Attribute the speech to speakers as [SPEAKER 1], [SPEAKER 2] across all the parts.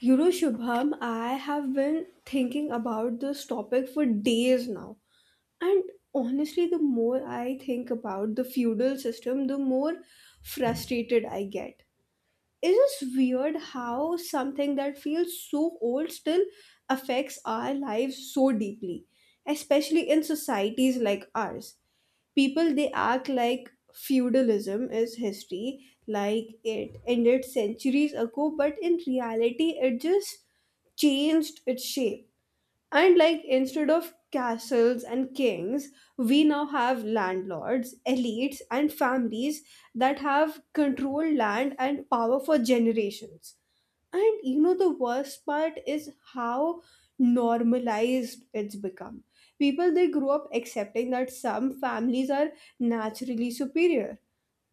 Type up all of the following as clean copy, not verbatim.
[SPEAKER 1] You know, Shubham, I have been thinking about this topic for days now. And honestly, the more I think about the feudal system, the more frustrated I get. It's just weird how something that feels so old still affects our lives so deeply, especially in societies like ours. People, they act like feudalism is history, like it ended centuries ago, but in reality it just changed its shape. And like, instead of castles and kings, we now have landlords, elites, and families that have controlled land and power for generations. And you know, the worst part is how normalized it's become. People, they grow up accepting that some families are naturally superior.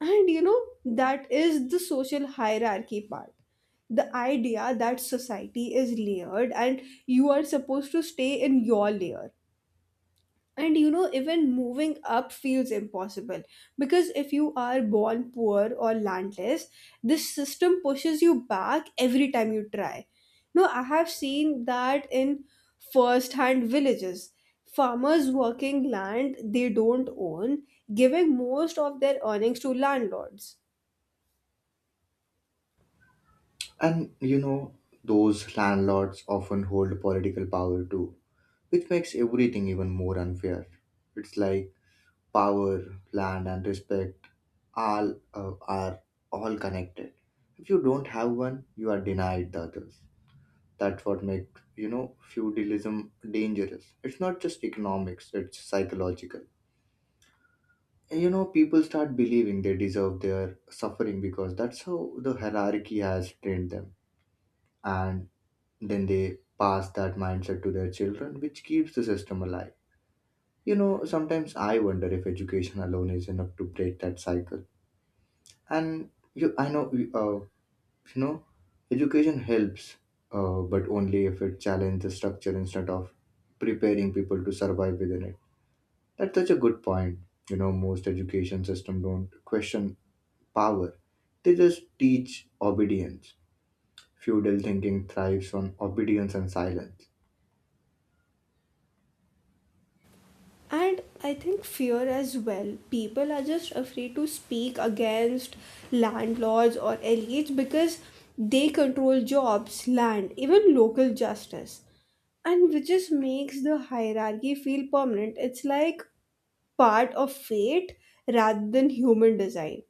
[SPEAKER 1] And you know, that is the social hierarchy part. The idea that society is layered and you are supposed to stay in your layer, and you know, even moving up feels impossible because if you are born poor or landless, this system pushes you back every time you try. No, I have seen that in first hand villages, farmers working land they don't own, giving most of their earnings to landlords.
[SPEAKER 2] And you know, those landlords often hold political power too, which makes everything even more unfair. It's like power, land, and respect all are all connected. If you don't have one, you are denied the others. That's what makes feudalism dangerous. It's not just economics; it's psychological. People start believing they deserve their suffering because that's how the hierarchy has trained them. And then they pass that mindset to their children, which keeps the system alive. You know, sometimes I wonder if education alone is enough to break that cycle. And you, I know, uh, you know, Education helps, but only if it challenges the structure instead of preparing people to survive within it. That's such a good point. You know, most education system don't question power; they just teach obedience. Feudal thinking thrives on obedience and silence.
[SPEAKER 1] And I think fear as well. People are just afraid to speak against landlords or elites because they control jobs, land, even local justice. And which just makes the hierarchy feel permanent. It's like part of fate rather than human design.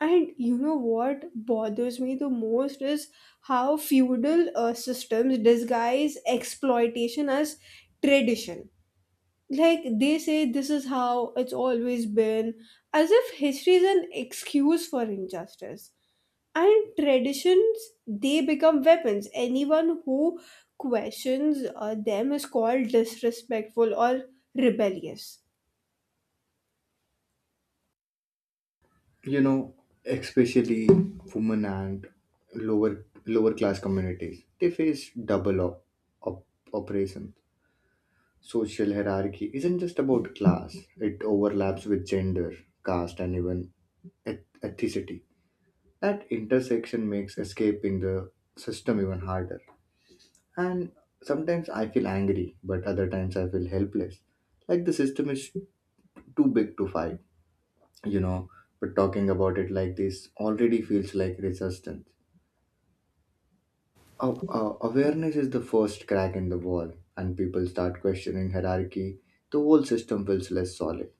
[SPEAKER 1] And you know what bothers me the most is how feudal systems disguise exploitation as tradition. Like, they say this is how it's always been, as if history is an excuse for injustice. And traditions, they become weapons. Anyone who questions them is called disrespectful or rebellious.
[SPEAKER 2] you know Especially women and lower class communities, they face double op- oppression. Social hierarchy isn't just about class, it overlaps with gender, caste, and even ethnicity. That intersection makes escaping the system even harder. And sometimes I feel angry, but other times I feel helpless, like the system is too big to fight. you know but talking about it like this already feels like resistance. Aw- aw- awareness is the first crack in the wall, and people start questioning hierarchy. The whole system feels less solid.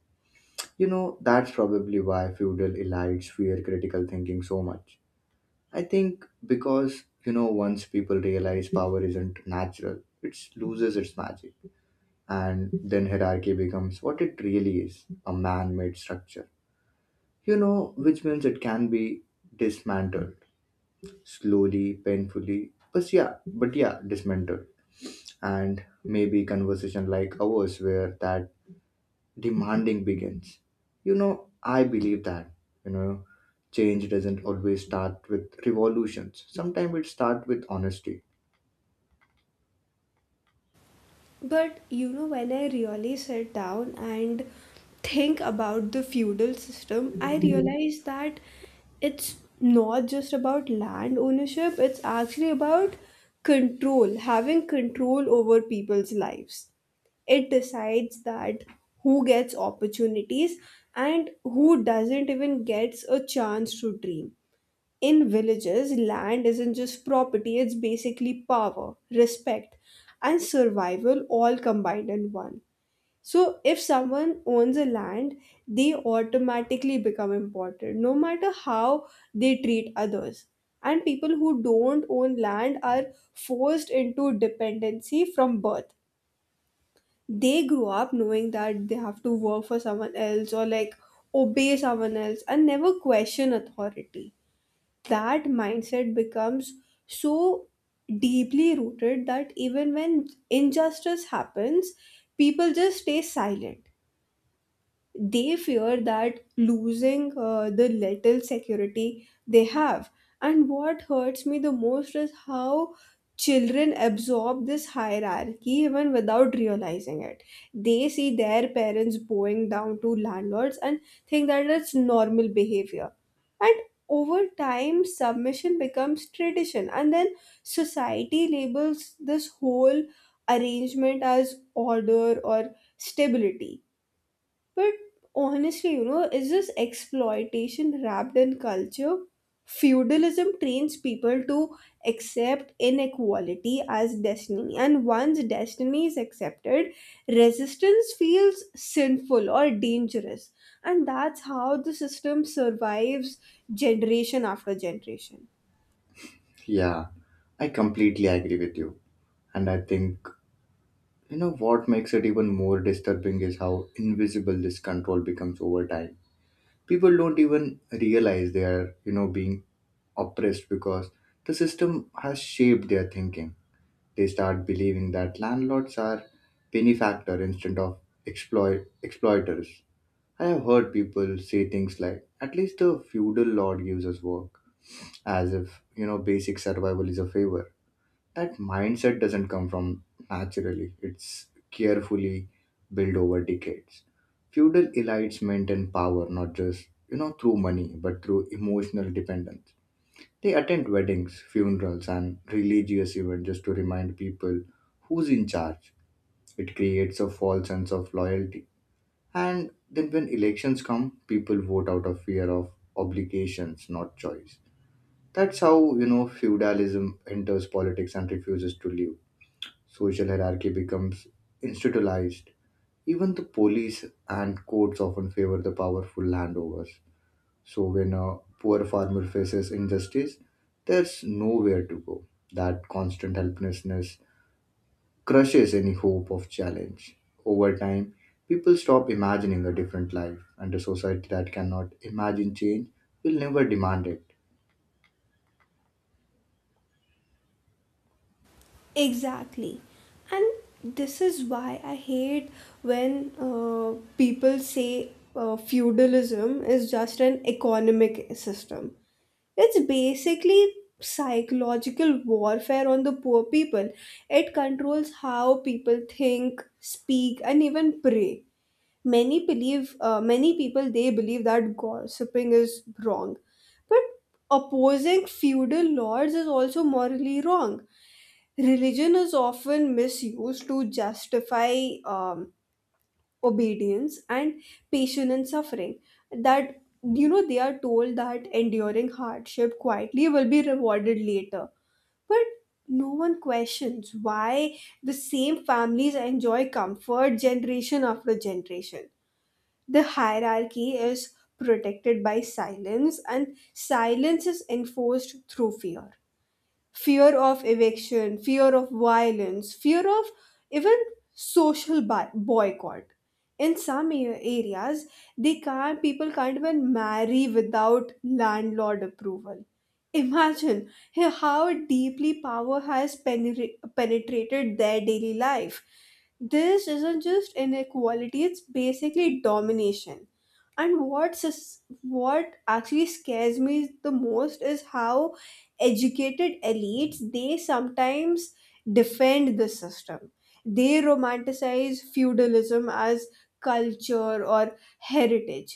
[SPEAKER 2] You know, that's probably why feudal elites fear critical thinking so much. I think because, once people realize power isn't natural, it loses its magic. And then hierarchy becomes what it really is, a man made structure. You know, which means it can be dismantled slowly, painfully, but yeah, dismantled. And maybe conversation like ours where that demanding begins. I believe that, you know, change doesn't always start with revolutions. Sometimes it starts with honesty.
[SPEAKER 1] But you know, when I really sit down and think about the feudal system, I realize that it's not just about land ownership, it's actually about control, having control over people's lives. It decides that who gets opportunities and who doesn't even gets a chance to dream. In villages, land isn't just property, it's basically power, respect, and survival all combined in one. So if someone owns a land, they automatically become important, no matter how they treat others. And people who don't own land are forced into dependency from birth. They grow up knowing that they have to work for someone else, or like, obey someone else and never question authority. That mindset becomes so deeply rooted that even when injustice happens, people just stay silent. They fear that losing the little security they have. And what hurts me the most is how children absorb this hierarchy even without realizing it. They see their parents bowing down to landlords and think that it's normal behavior. And over time, submission becomes tradition, and then society labels this whole arrangement as order or stability. But honestly, you know, is this exploitation wrapped in culture? Feudalism trains people to accept inequality as destiny, and once destiny is accepted, resistance feels sinful or dangerous, and that's how the system survives generation after generation.
[SPEAKER 2] Yeah, I completely agree with you. And I think, what makes it even more disturbing is how invisible this control becomes over time. People don't even realize they are, being oppressed because the system has shaped their thinking. They start believing that landlords are benefactor instead of exploiters. I have heard people say things like, "At least the feudal lord gives us work," as if basic survival is a favor. That mindset doesn't come from naturally. It's carefully built over decades. Feudal elites maintain power not just through money but through emotional dependence. They attend weddings, funerals, and religious events just to remind people who's in charge. It creates a false sense of loyalty. And then when elections come, people vote out of fear of obligations, not choice. That's how, feudalism enters politics and refuses to leave. Social hierarchy becomes institutionalized. Even the police and courts often favor the powerful landovers. So when a poor farmer faces injustice, there's nowhere to go. That constant helplessness crushes any hope of challenge. Over time, people stop imagining a different life, and a society that cannot imagine change will never demand it.
[SPEAKER 1] Exactly. And this is why I hate when people say feudalism is just an economic system. It's basically psychological warfare on the poor people. It controls how people think, speak, and even pray. Many believe, many people, they believe that gossiping is wrong. But opposing feudal lords is also morally wrong. Religion is often misused to justify um, obedience and patience and suffering. That, you know, they are told that enduring hardship quietly will be rewarded later. But no one questions why the same families enjoy comfort generation after generation. The hierarchy is protected by silence, and silence is enforced through fear. Fear of eviction, fear of violence, fear of even social boycott. In some areas, they can't. People can't even marry without landlord approval. Imagine how deeply power has penetrated their daily life. This isn't just inequality; it's basically domination. And what what actually scares me the most is how educated elites they sometimes defend the system. They romanticize feudalism as culture or heritage,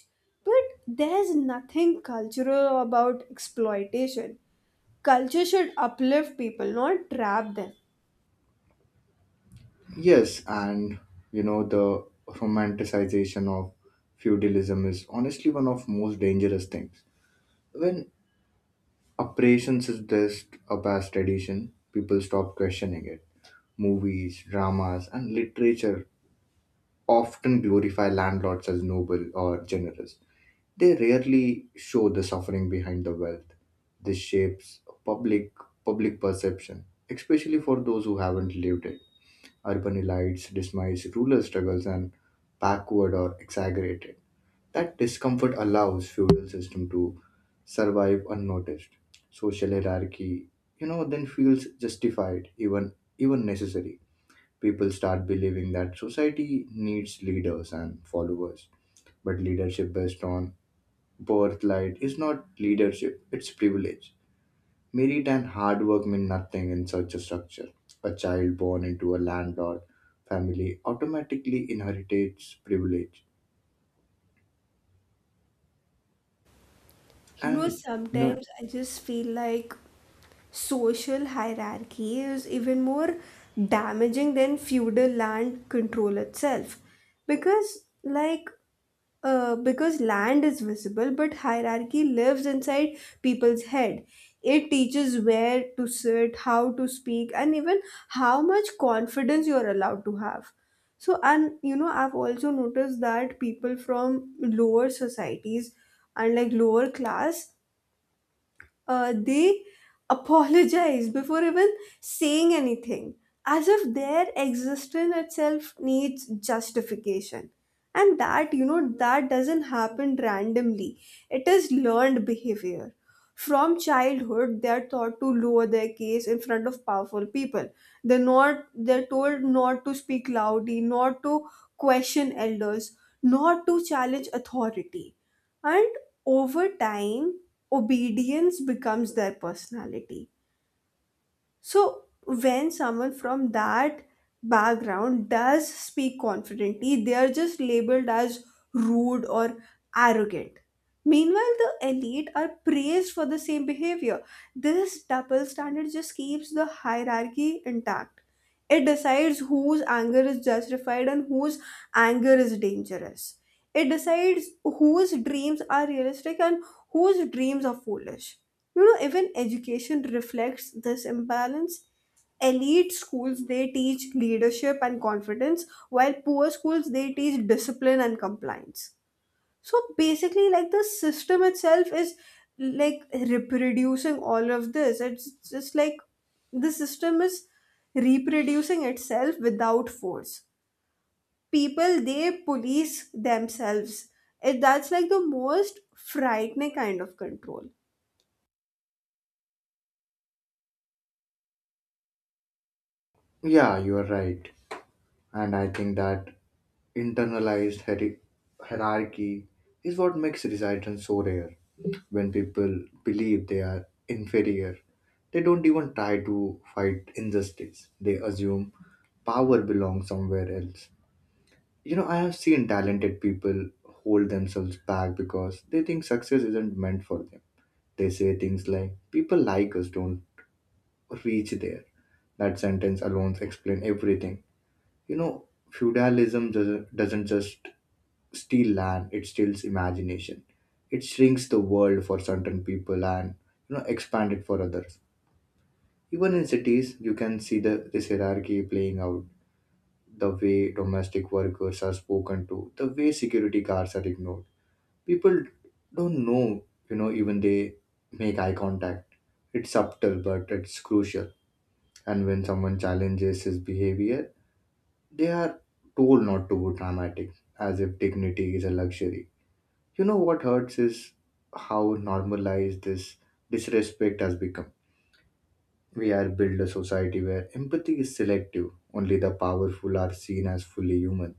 [SPEAKER 1] but there's nothing cultural about exploitation. Culture should uplift people, not trap them.
[SPEAKER 2] Yes, and the romanticization of feudalism is honestly one of most dangerous things. When operations is just a past tradition, people stop questioning it. Movies, dramas, and literature often glorify landlords as noble or generous. They rarely show the suffering behind the wealth. This shapes public perception, especially for those who haven't lived it. Urban elites dismiss rural struggles and backward or exaggerate it. That discomfort allows feudal system to survive unnoticed. Social hierarchy, then feels justified, even necessary. People start believing that society needs leaders and followers. But leadership based on birthright is not leadership, it's privilege. Merit and hard work mean nothing in such a structure. A child born into a landlord family automatically inherits privilege.
[SPEAKER 1] You know,
[SPEAKER 2] And you know,
[SPEAKER 1] sometimes I just feel like social hierarchy is even more damaging than feudal land control itself, because like, because land is visible, but hierarchy lives inside people's head. It teaches where to sit, how to speak, and even how much confidence you're allowed to have. So, and you know, I've also noticed that people from lower societies and like lower class, they apologize before even saying anything, as if their existence itself needs justification. And that, you know, that doesn't happen randomly, it is learned behavior. From childhood, they are taught to lower their case in front of powerful people. They're told not to speak loudly, not to question elders, not to challenge authority. And over time, obedience becomes their personality. So when someone from that background does speak confidently, they are just labeled as rude or arrogant. Meanwhile, the elite are praised for the same behavior. This double standard just keeps the hierarchy intact. It decides whose anger is justified and whose anger is dangerous. It decides whose dreams are realistic and whose dreams are foolish. You know, even education reflects this imbalance. Elite schools, they teach leadership and confidence, while poor schools, they teach discipline and compliance. So basically, like, the system itself is like reproducing all of this. It's just like the system is reproducing itself without force. People, they police themselves. It, that's like the most frightening kind of control.
[SPEAKER 2] yeah, you are right. And I think that internalized hierarchy is what makes resistance so rare. When people believe they are inferior, they don't even try to fight injustice. They assume power belongs somewhere else. I have seen talented people hold themselves back because they think success isn't meant for them. They say things like, people like us don't reach there. That sentence alone explains everything. Feudalism doesn't just steal land; it steals imagination. It shrinks the world for certain people and expand it for others. Even in cities, you can see the this hierarchy playing out. The way domestic workers are spoken to, the way security guards are ignored. People don't know, even they make eye contact. It's subtle, but it's crucial. And when someone challenges his behavior, they are told not to be dramatic, as if dignity is a luxury. What hurts is how normalized this disrespect has become. We are built a society where empathy is selective. Only the powerful are seen as fully human.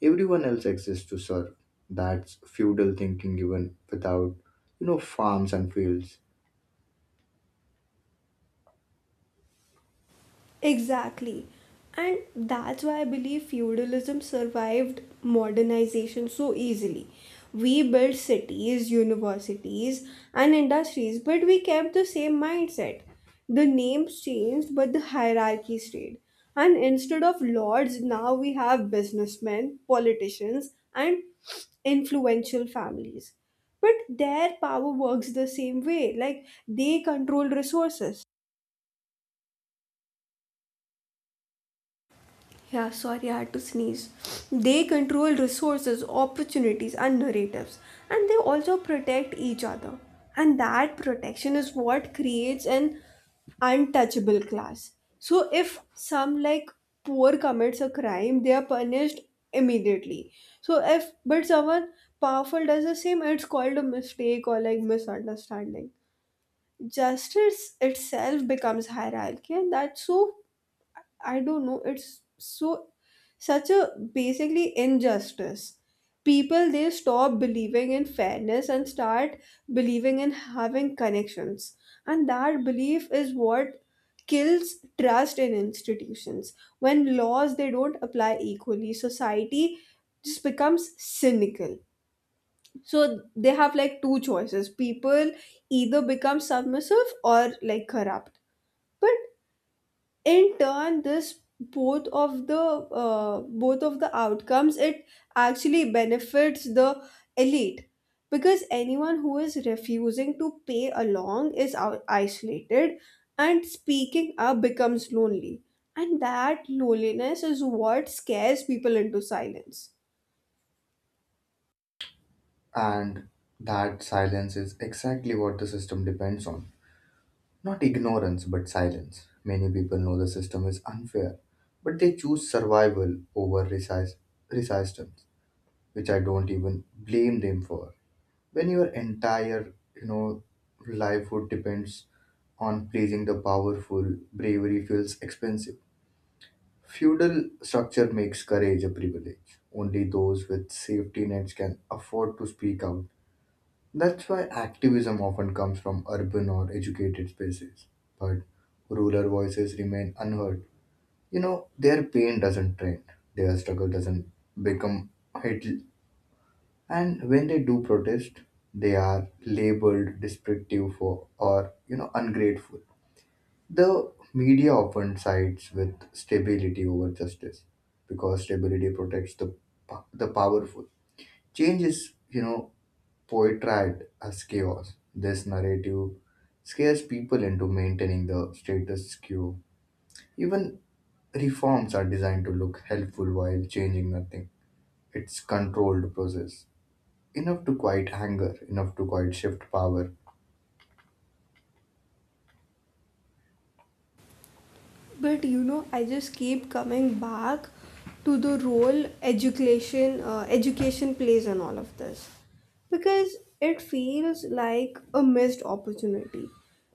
[SPEAKER 2] Everyone else exists to serve. That's feudal thinking even without, farms and fields.
[SPEAKER 1] Exactly. And that's why I believe feudalism survived modernization so easily. We built cities, universities, and industries, but we kept the same mindset. The names changed, but the hierarchy stayed. And instead of lords, now we have businessmen, politicians, and influential families. But their power works the same way, like, they control resources. Yeah, sorry, I had to sneeze. They control resources, opportunities, and narratives, and they also protect each other. And that protection is what creates an untouchable class. So if some like poor commits a crime, they are punished immediately. So if but someone powerful does the same, it's called a mistake or like misunderstanding. Justice itself becomes hierarchy, and that's so, I don't know. It's so such a basically injustice. People, they stop believing in fairness and start believing in having connections. And that belief is what kills trust in institutions. When laws they don't apply equally, society just becomes cynical. So they have like two choices. People either become submissive or like corrupt. But in turn this both of the outcomes, it actually benefits the elite, because anyone who is refusing to pay along is isolated, and speaking up becomes lonely, and that loneliness is what scares people into silence.
[SPEAKER 2] And that silence is exactly what the system depends on. Not ignorance, but silence. Many people know the system is unfair, but they choose survival over resistance, which I don't even blame them for. When your entire, livelihood depends on pleasing the powerful, bravery feels expensive. Feudal structure makes courage a privilege. Only those with safety nets can afford to speak out. That's why activism often comes from urban or educated spaces, but rural voices remain unheard. Their pain doesn't trend, their struggle doesn't become hit, and when they do protest, they are labeled destructive for or ungrateful. The media often sides with stability over justice because stability protects the powerful. Change is portrayed as chaos. This narrative scares people into maintaining the status quo. Even reforms are designed to look helpful while changing nothing. It's controlled process, enough to quiet anger, enough to quiet shift power.
[SPEAKER 1] But you know, I just keep coming back to the role education, education plays in all of this, because it feels like a missed opportunity.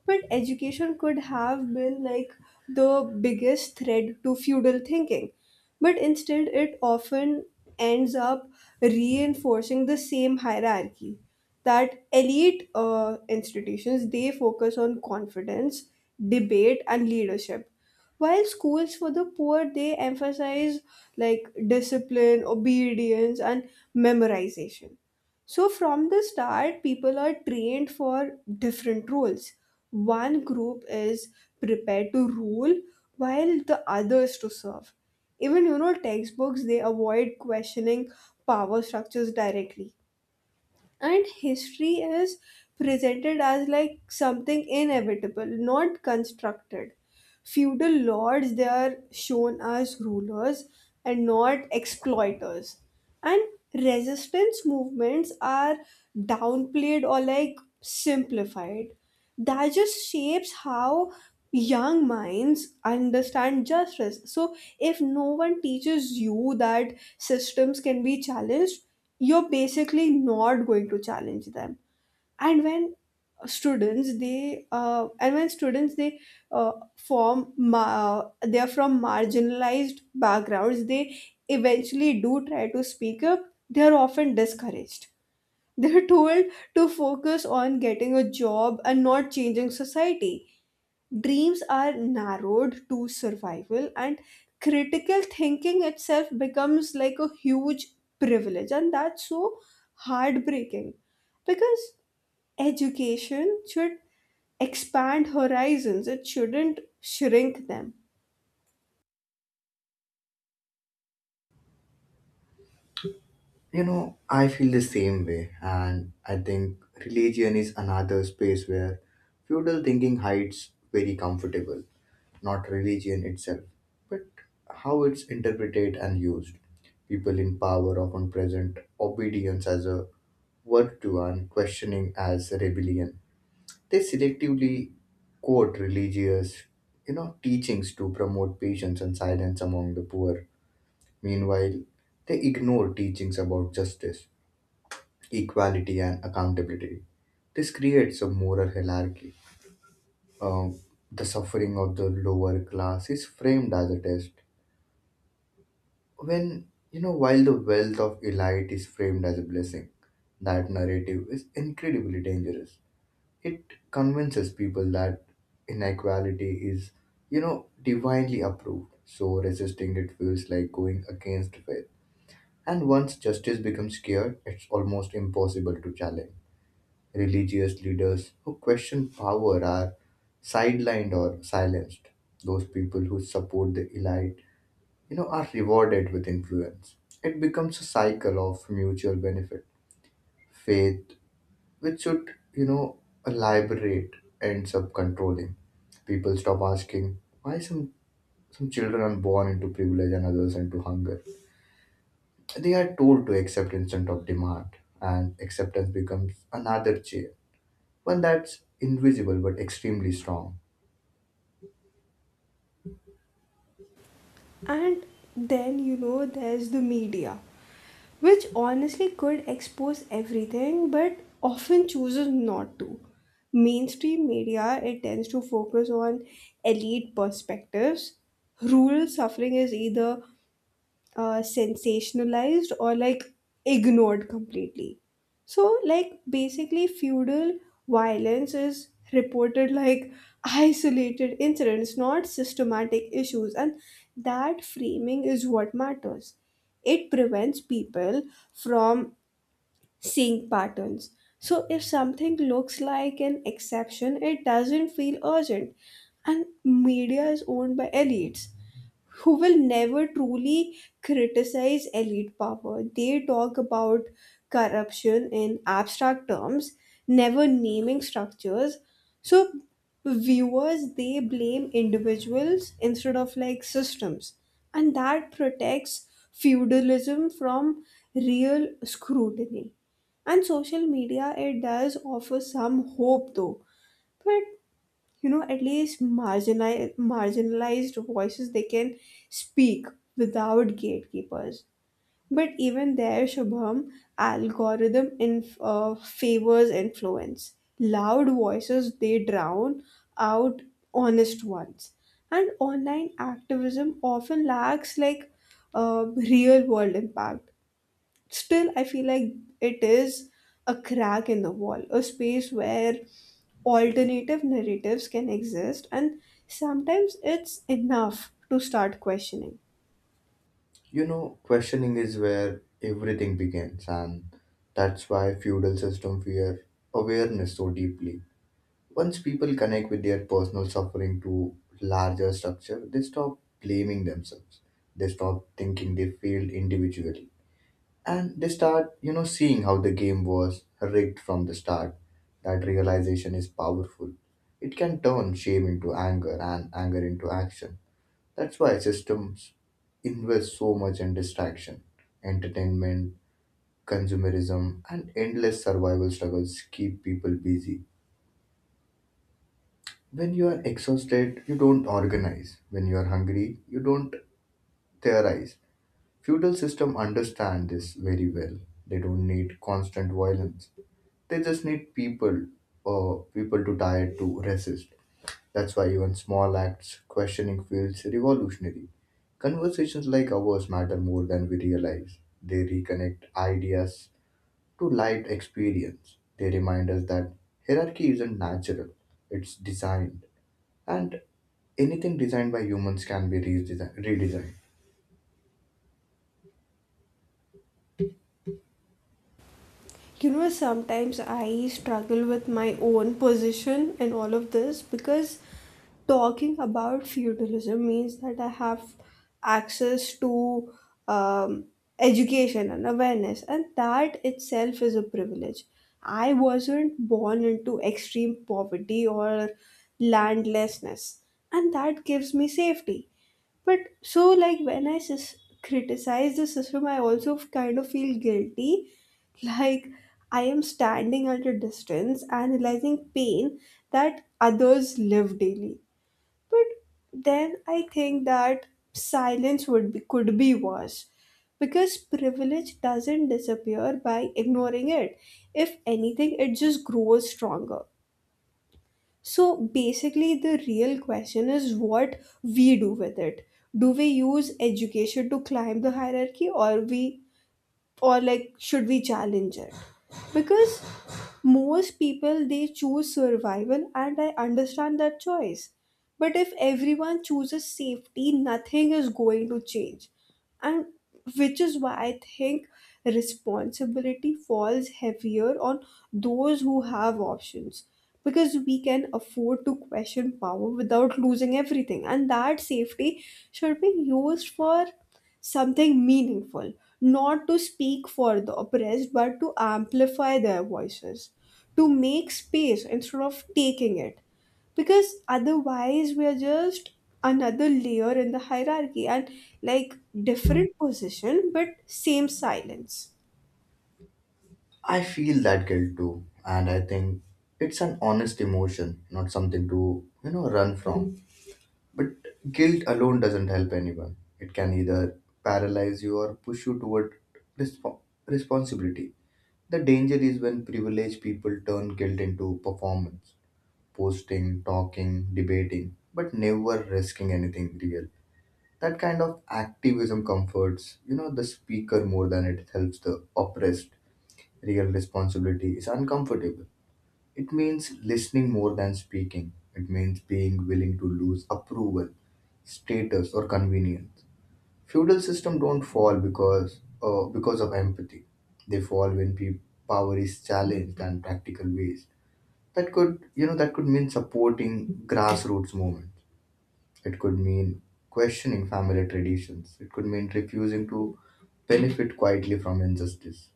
[SPEAKER 1] But education could have been like the biggest thread to feudal thinking. But instead, it often ends up reinforcing the same hierarchy. That elite institutions, they focus on confidence, debate, and leadership, while schools for the poor, they emphasize like discipline, obedience, and memorization. So from the start, people are trained for different roles. One group is prepared to rule, while the others to serve. Even you know textbooks, they avoid questioning power structures directly, and history is presented as like something inevitable, not constructed. Feudal lords, they are shown as rulers and not exploiters. And resistance movements are downplayed or like simplified. That just shapes how young minds understand justice. So if no one teaches you that systems can be challenged, you're basically not going to challenge them. And when students they and when students they they're from marginalized backgrounds, they eventually do try to speak up, they're often discouraged. They're told to focus on getting a job and not changing society. Dreams are narrowed to survival, and critical thinking itself becomes like a huge privilege, and that's so heartbreaking, because education should expand horizons, it shouldn't shrink them.
[SPEAKER 2] I feel the same way, and I think religion is another space where feudal thinking hides very comfortable, not religion itself, but how it's interpreted and used. People in power often present obedience as a virtue and questioning as a rebellion. They selectively quote religious, teachings to promote patience and silence among the poor. Meanwhile, they ignore teachings about justice, equality, and accountability. This creates a moral hierarchy. Um, the suffering of the lower class is framed as a test, When while the wealth of elite is framed as a blessing. That narrative is incredibly dangerous. It convinces people that inequality is, divinely approved. So resisting it feels like going against faith. And once justice becomes scared, it's almost impossible to challenge. Religious leaders who question power are sidelined or silenced. Those people who support the elite, are rewarded with influence. It becomes a cycle of mutual benefit. Faith, which should, liberate, ends up controlling. People stop asking why some children are born into privilege and others into hunger. They are told to accept instead of demand, and acceptance becomes another chair. One that's invisible but extremely strong.
[SPEAKER 1] And then, you know, there's the media, which honestly could expose everything but often chooses not to. Mainstream media, it tends to focus on elite perspectives. Rural suffering is either sensationalized or like ignored completely. So like, basically, feudal violence is reported like isolated incidents, not systematic issues, and that framing is what matters. It prevents people from seeing patterns. So if something looks like an exception, it doesn't feel urgent. And media is owned by elites who will never truly criticize elite power. They talk about corruption in abstract terms, never naming structures. So viewers, they blame individuals instead of like systems, and that protects feudalism from real scrutiny. And social media, it does offer some hope though, but you know at least marginalized voices they can speak without gatekeepers, but even there, Shubham, algorithm in favors influence, loud voices they drown out honest ones. And online activism often lacks like uh, real world impact. Still, I feel like it is a crack in the wall, a space where alternative narratives can exist, and sometimes it's enough to start questioning.
[SPEAKER 2] Questioning is where everything begins, and that's why feudal system fear awareness so deeply. Once people connect with their personal suffering to larger structure, they stop blaming themselves. They stop thinking they failed individually. And they start, seeing how the game was rigged from the start. That realization is powerful. It can turn shame into anger and anger into action. That's why systems invest so much in distraction. Entertainment, consumerism, and endless survival struggles keep people busy. When you are exhausted, you don't organize. When you are hungry, you don't theorize. Feudal system understand this very well. They don't need constant violence. They just need people to die to resist. That's why even small acts questioning feels revolutionary. Conversations like ours matter more than we realize. They reconnect ideas to lived experience. They remind us that hierarchy isn't natural, it's designed. And anything designed by humans can be redesigned.
[SPEAKER 1] You know, sometimes I struggle with my own position in all of this, because talking about feudalism means that I have access to um, education and awareness, and that itself is a privilege. I wasn't born into extreme poverty or landlessness, and that gives me safety. But so, like, when criticize the system, I also kind of feel guilty. Like, I am standing at a distance and realizing pain that others live daily. But then I think that silence could be worse, because privilege doesn't disappear by ignoring it. If anything, it just grows stronger. So basically, the real question is what we do with it. Do we use education to climb the hierarchy, or we or like should we challenge it? Because most people they choose survival, and I understand that choice, but if everyone chooses safety, nothing is going to change. And which is why I think responsibility falls heavier on those who have options, because we can afford to question power without losing everything, and that safety should be used for something meaningful. Not to speak for the oppressed, but to amplify their voices, to make space instead of taking it, because otherwise we are just another layer in the hierarchy, and like, different position but same silence.
[SPEAKER 2] I feel that guilt too, and I think it's an honest emotion, not something to, run from. But guilt alone doesn't help anyone. It can either paralyze you or push you toward respo- responsibility. The danger is when privileged people turn guilt into performance, posting, talking, debating, but never risking anything real. That kind of activism comforts, the speaker more than it helps the oppressed. Real responsibility is uncomfortable, it means listening more than speaking. It means being willing to lose approval, status, or convenience. Feudal system don't fall because of empathy. They fall when power is challenged and practical ways. That could that could mean supporting grassroots movements. It could mean questioning family traditions. It could mean refusing to benefit quietly from injustice.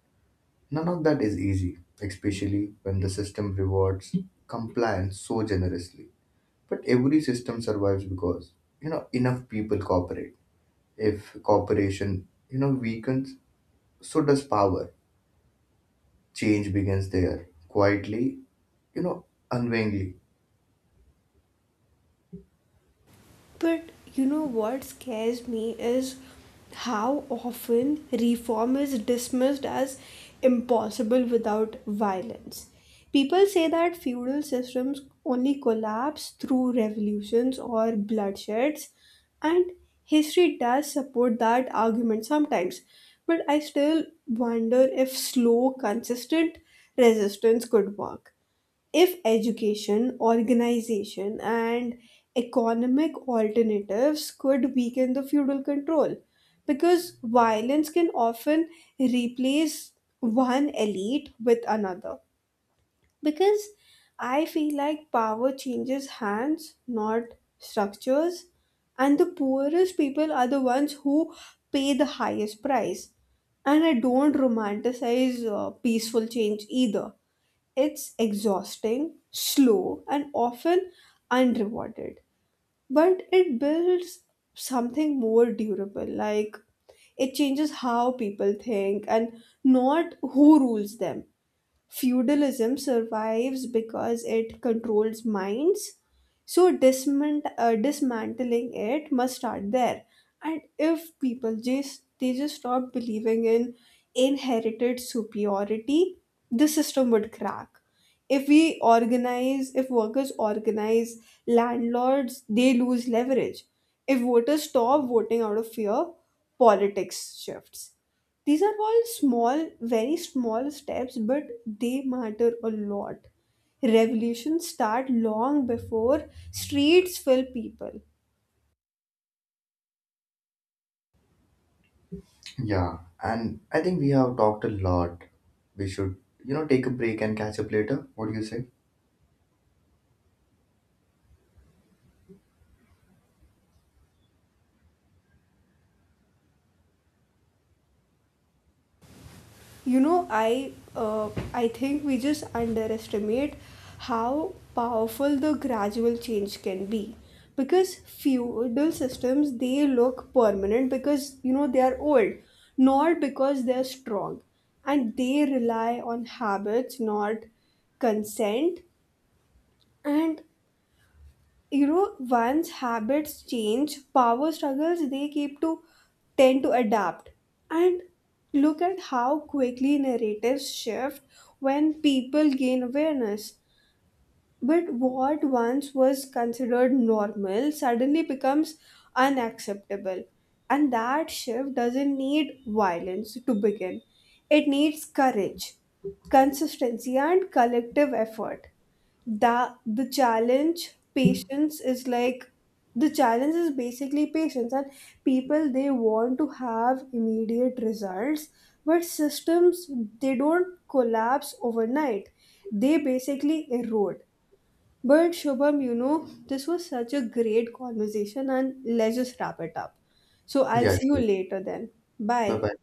[SPEAKER 2] None of that is easy, especially when the system rewards compliance so generously. But every system survives because enough people cooperate. If cooperation weakens, so does power. Change begins there, quietly, unwillingly.
[SPEAKER 1] But you know what scares me is how often reform is dismissed as impossible without violence. People say that feudal systems only collapse through revolutions or bloodsheds, and history does support that argument sometimes. But I still wonder if slow, consistent resistance could work. If education, organization, and economic alternatives could weaken the feudal control, because violence can often replace one elite with another. Because I feel like power changes hands, not structures, and the poorest people are the ones who pay the highest price. And I don't romanticize peaceful change either. It's exhausting, slow, and often unrewarded. But it builds something more durable. Like, it changes how people think and not who rules them. Feudalism survives because it controls minds, so dismantling it must start there. And if people just they just stop believing in inherited superiority, the system would crack. If we organize, if workers organize, landlords they lose leverage. If voters stop voting out of fear, politics shifts. These are all small, very small steps, but they matter a lot. Revolutions start long before streets fill people.
[SPEAKER 2] Yeah, and I think we have talked a lot. We should take a break and catch up later. What do you say?
[SPEAKER 1] You know, I think we just underestimate how powerful the gradual change can be. Because feudal systems they look permanent because you know they are old, not because they're strong, and they rely on habits, not consent. And you know, once habits change, power struggles they keep to tend to adapt. And look at how quickly narratives shift when people gain awareness. But what once was considered normal suddenly becomes unacceptable, and that shift doesn't need violence to begin. It needs courage, consistency, and collective effort. That the challenge patience is like The challenge is basically patience, and people they want to have immediate results, but systems they don't collapse overnight, they basically erode. But Shubham, you know, this was such a great conversation, and let's just wrap it up. So I'll
[SPEAKER 2] Yeah,
[SPEAKER 1] see you
[SPEAKER 2] sure.
[SPEAKER 1] later then.
[SPEAKER 2] Bye
[SPEAKER 1] Bye.
[SPEAKER 2] bye.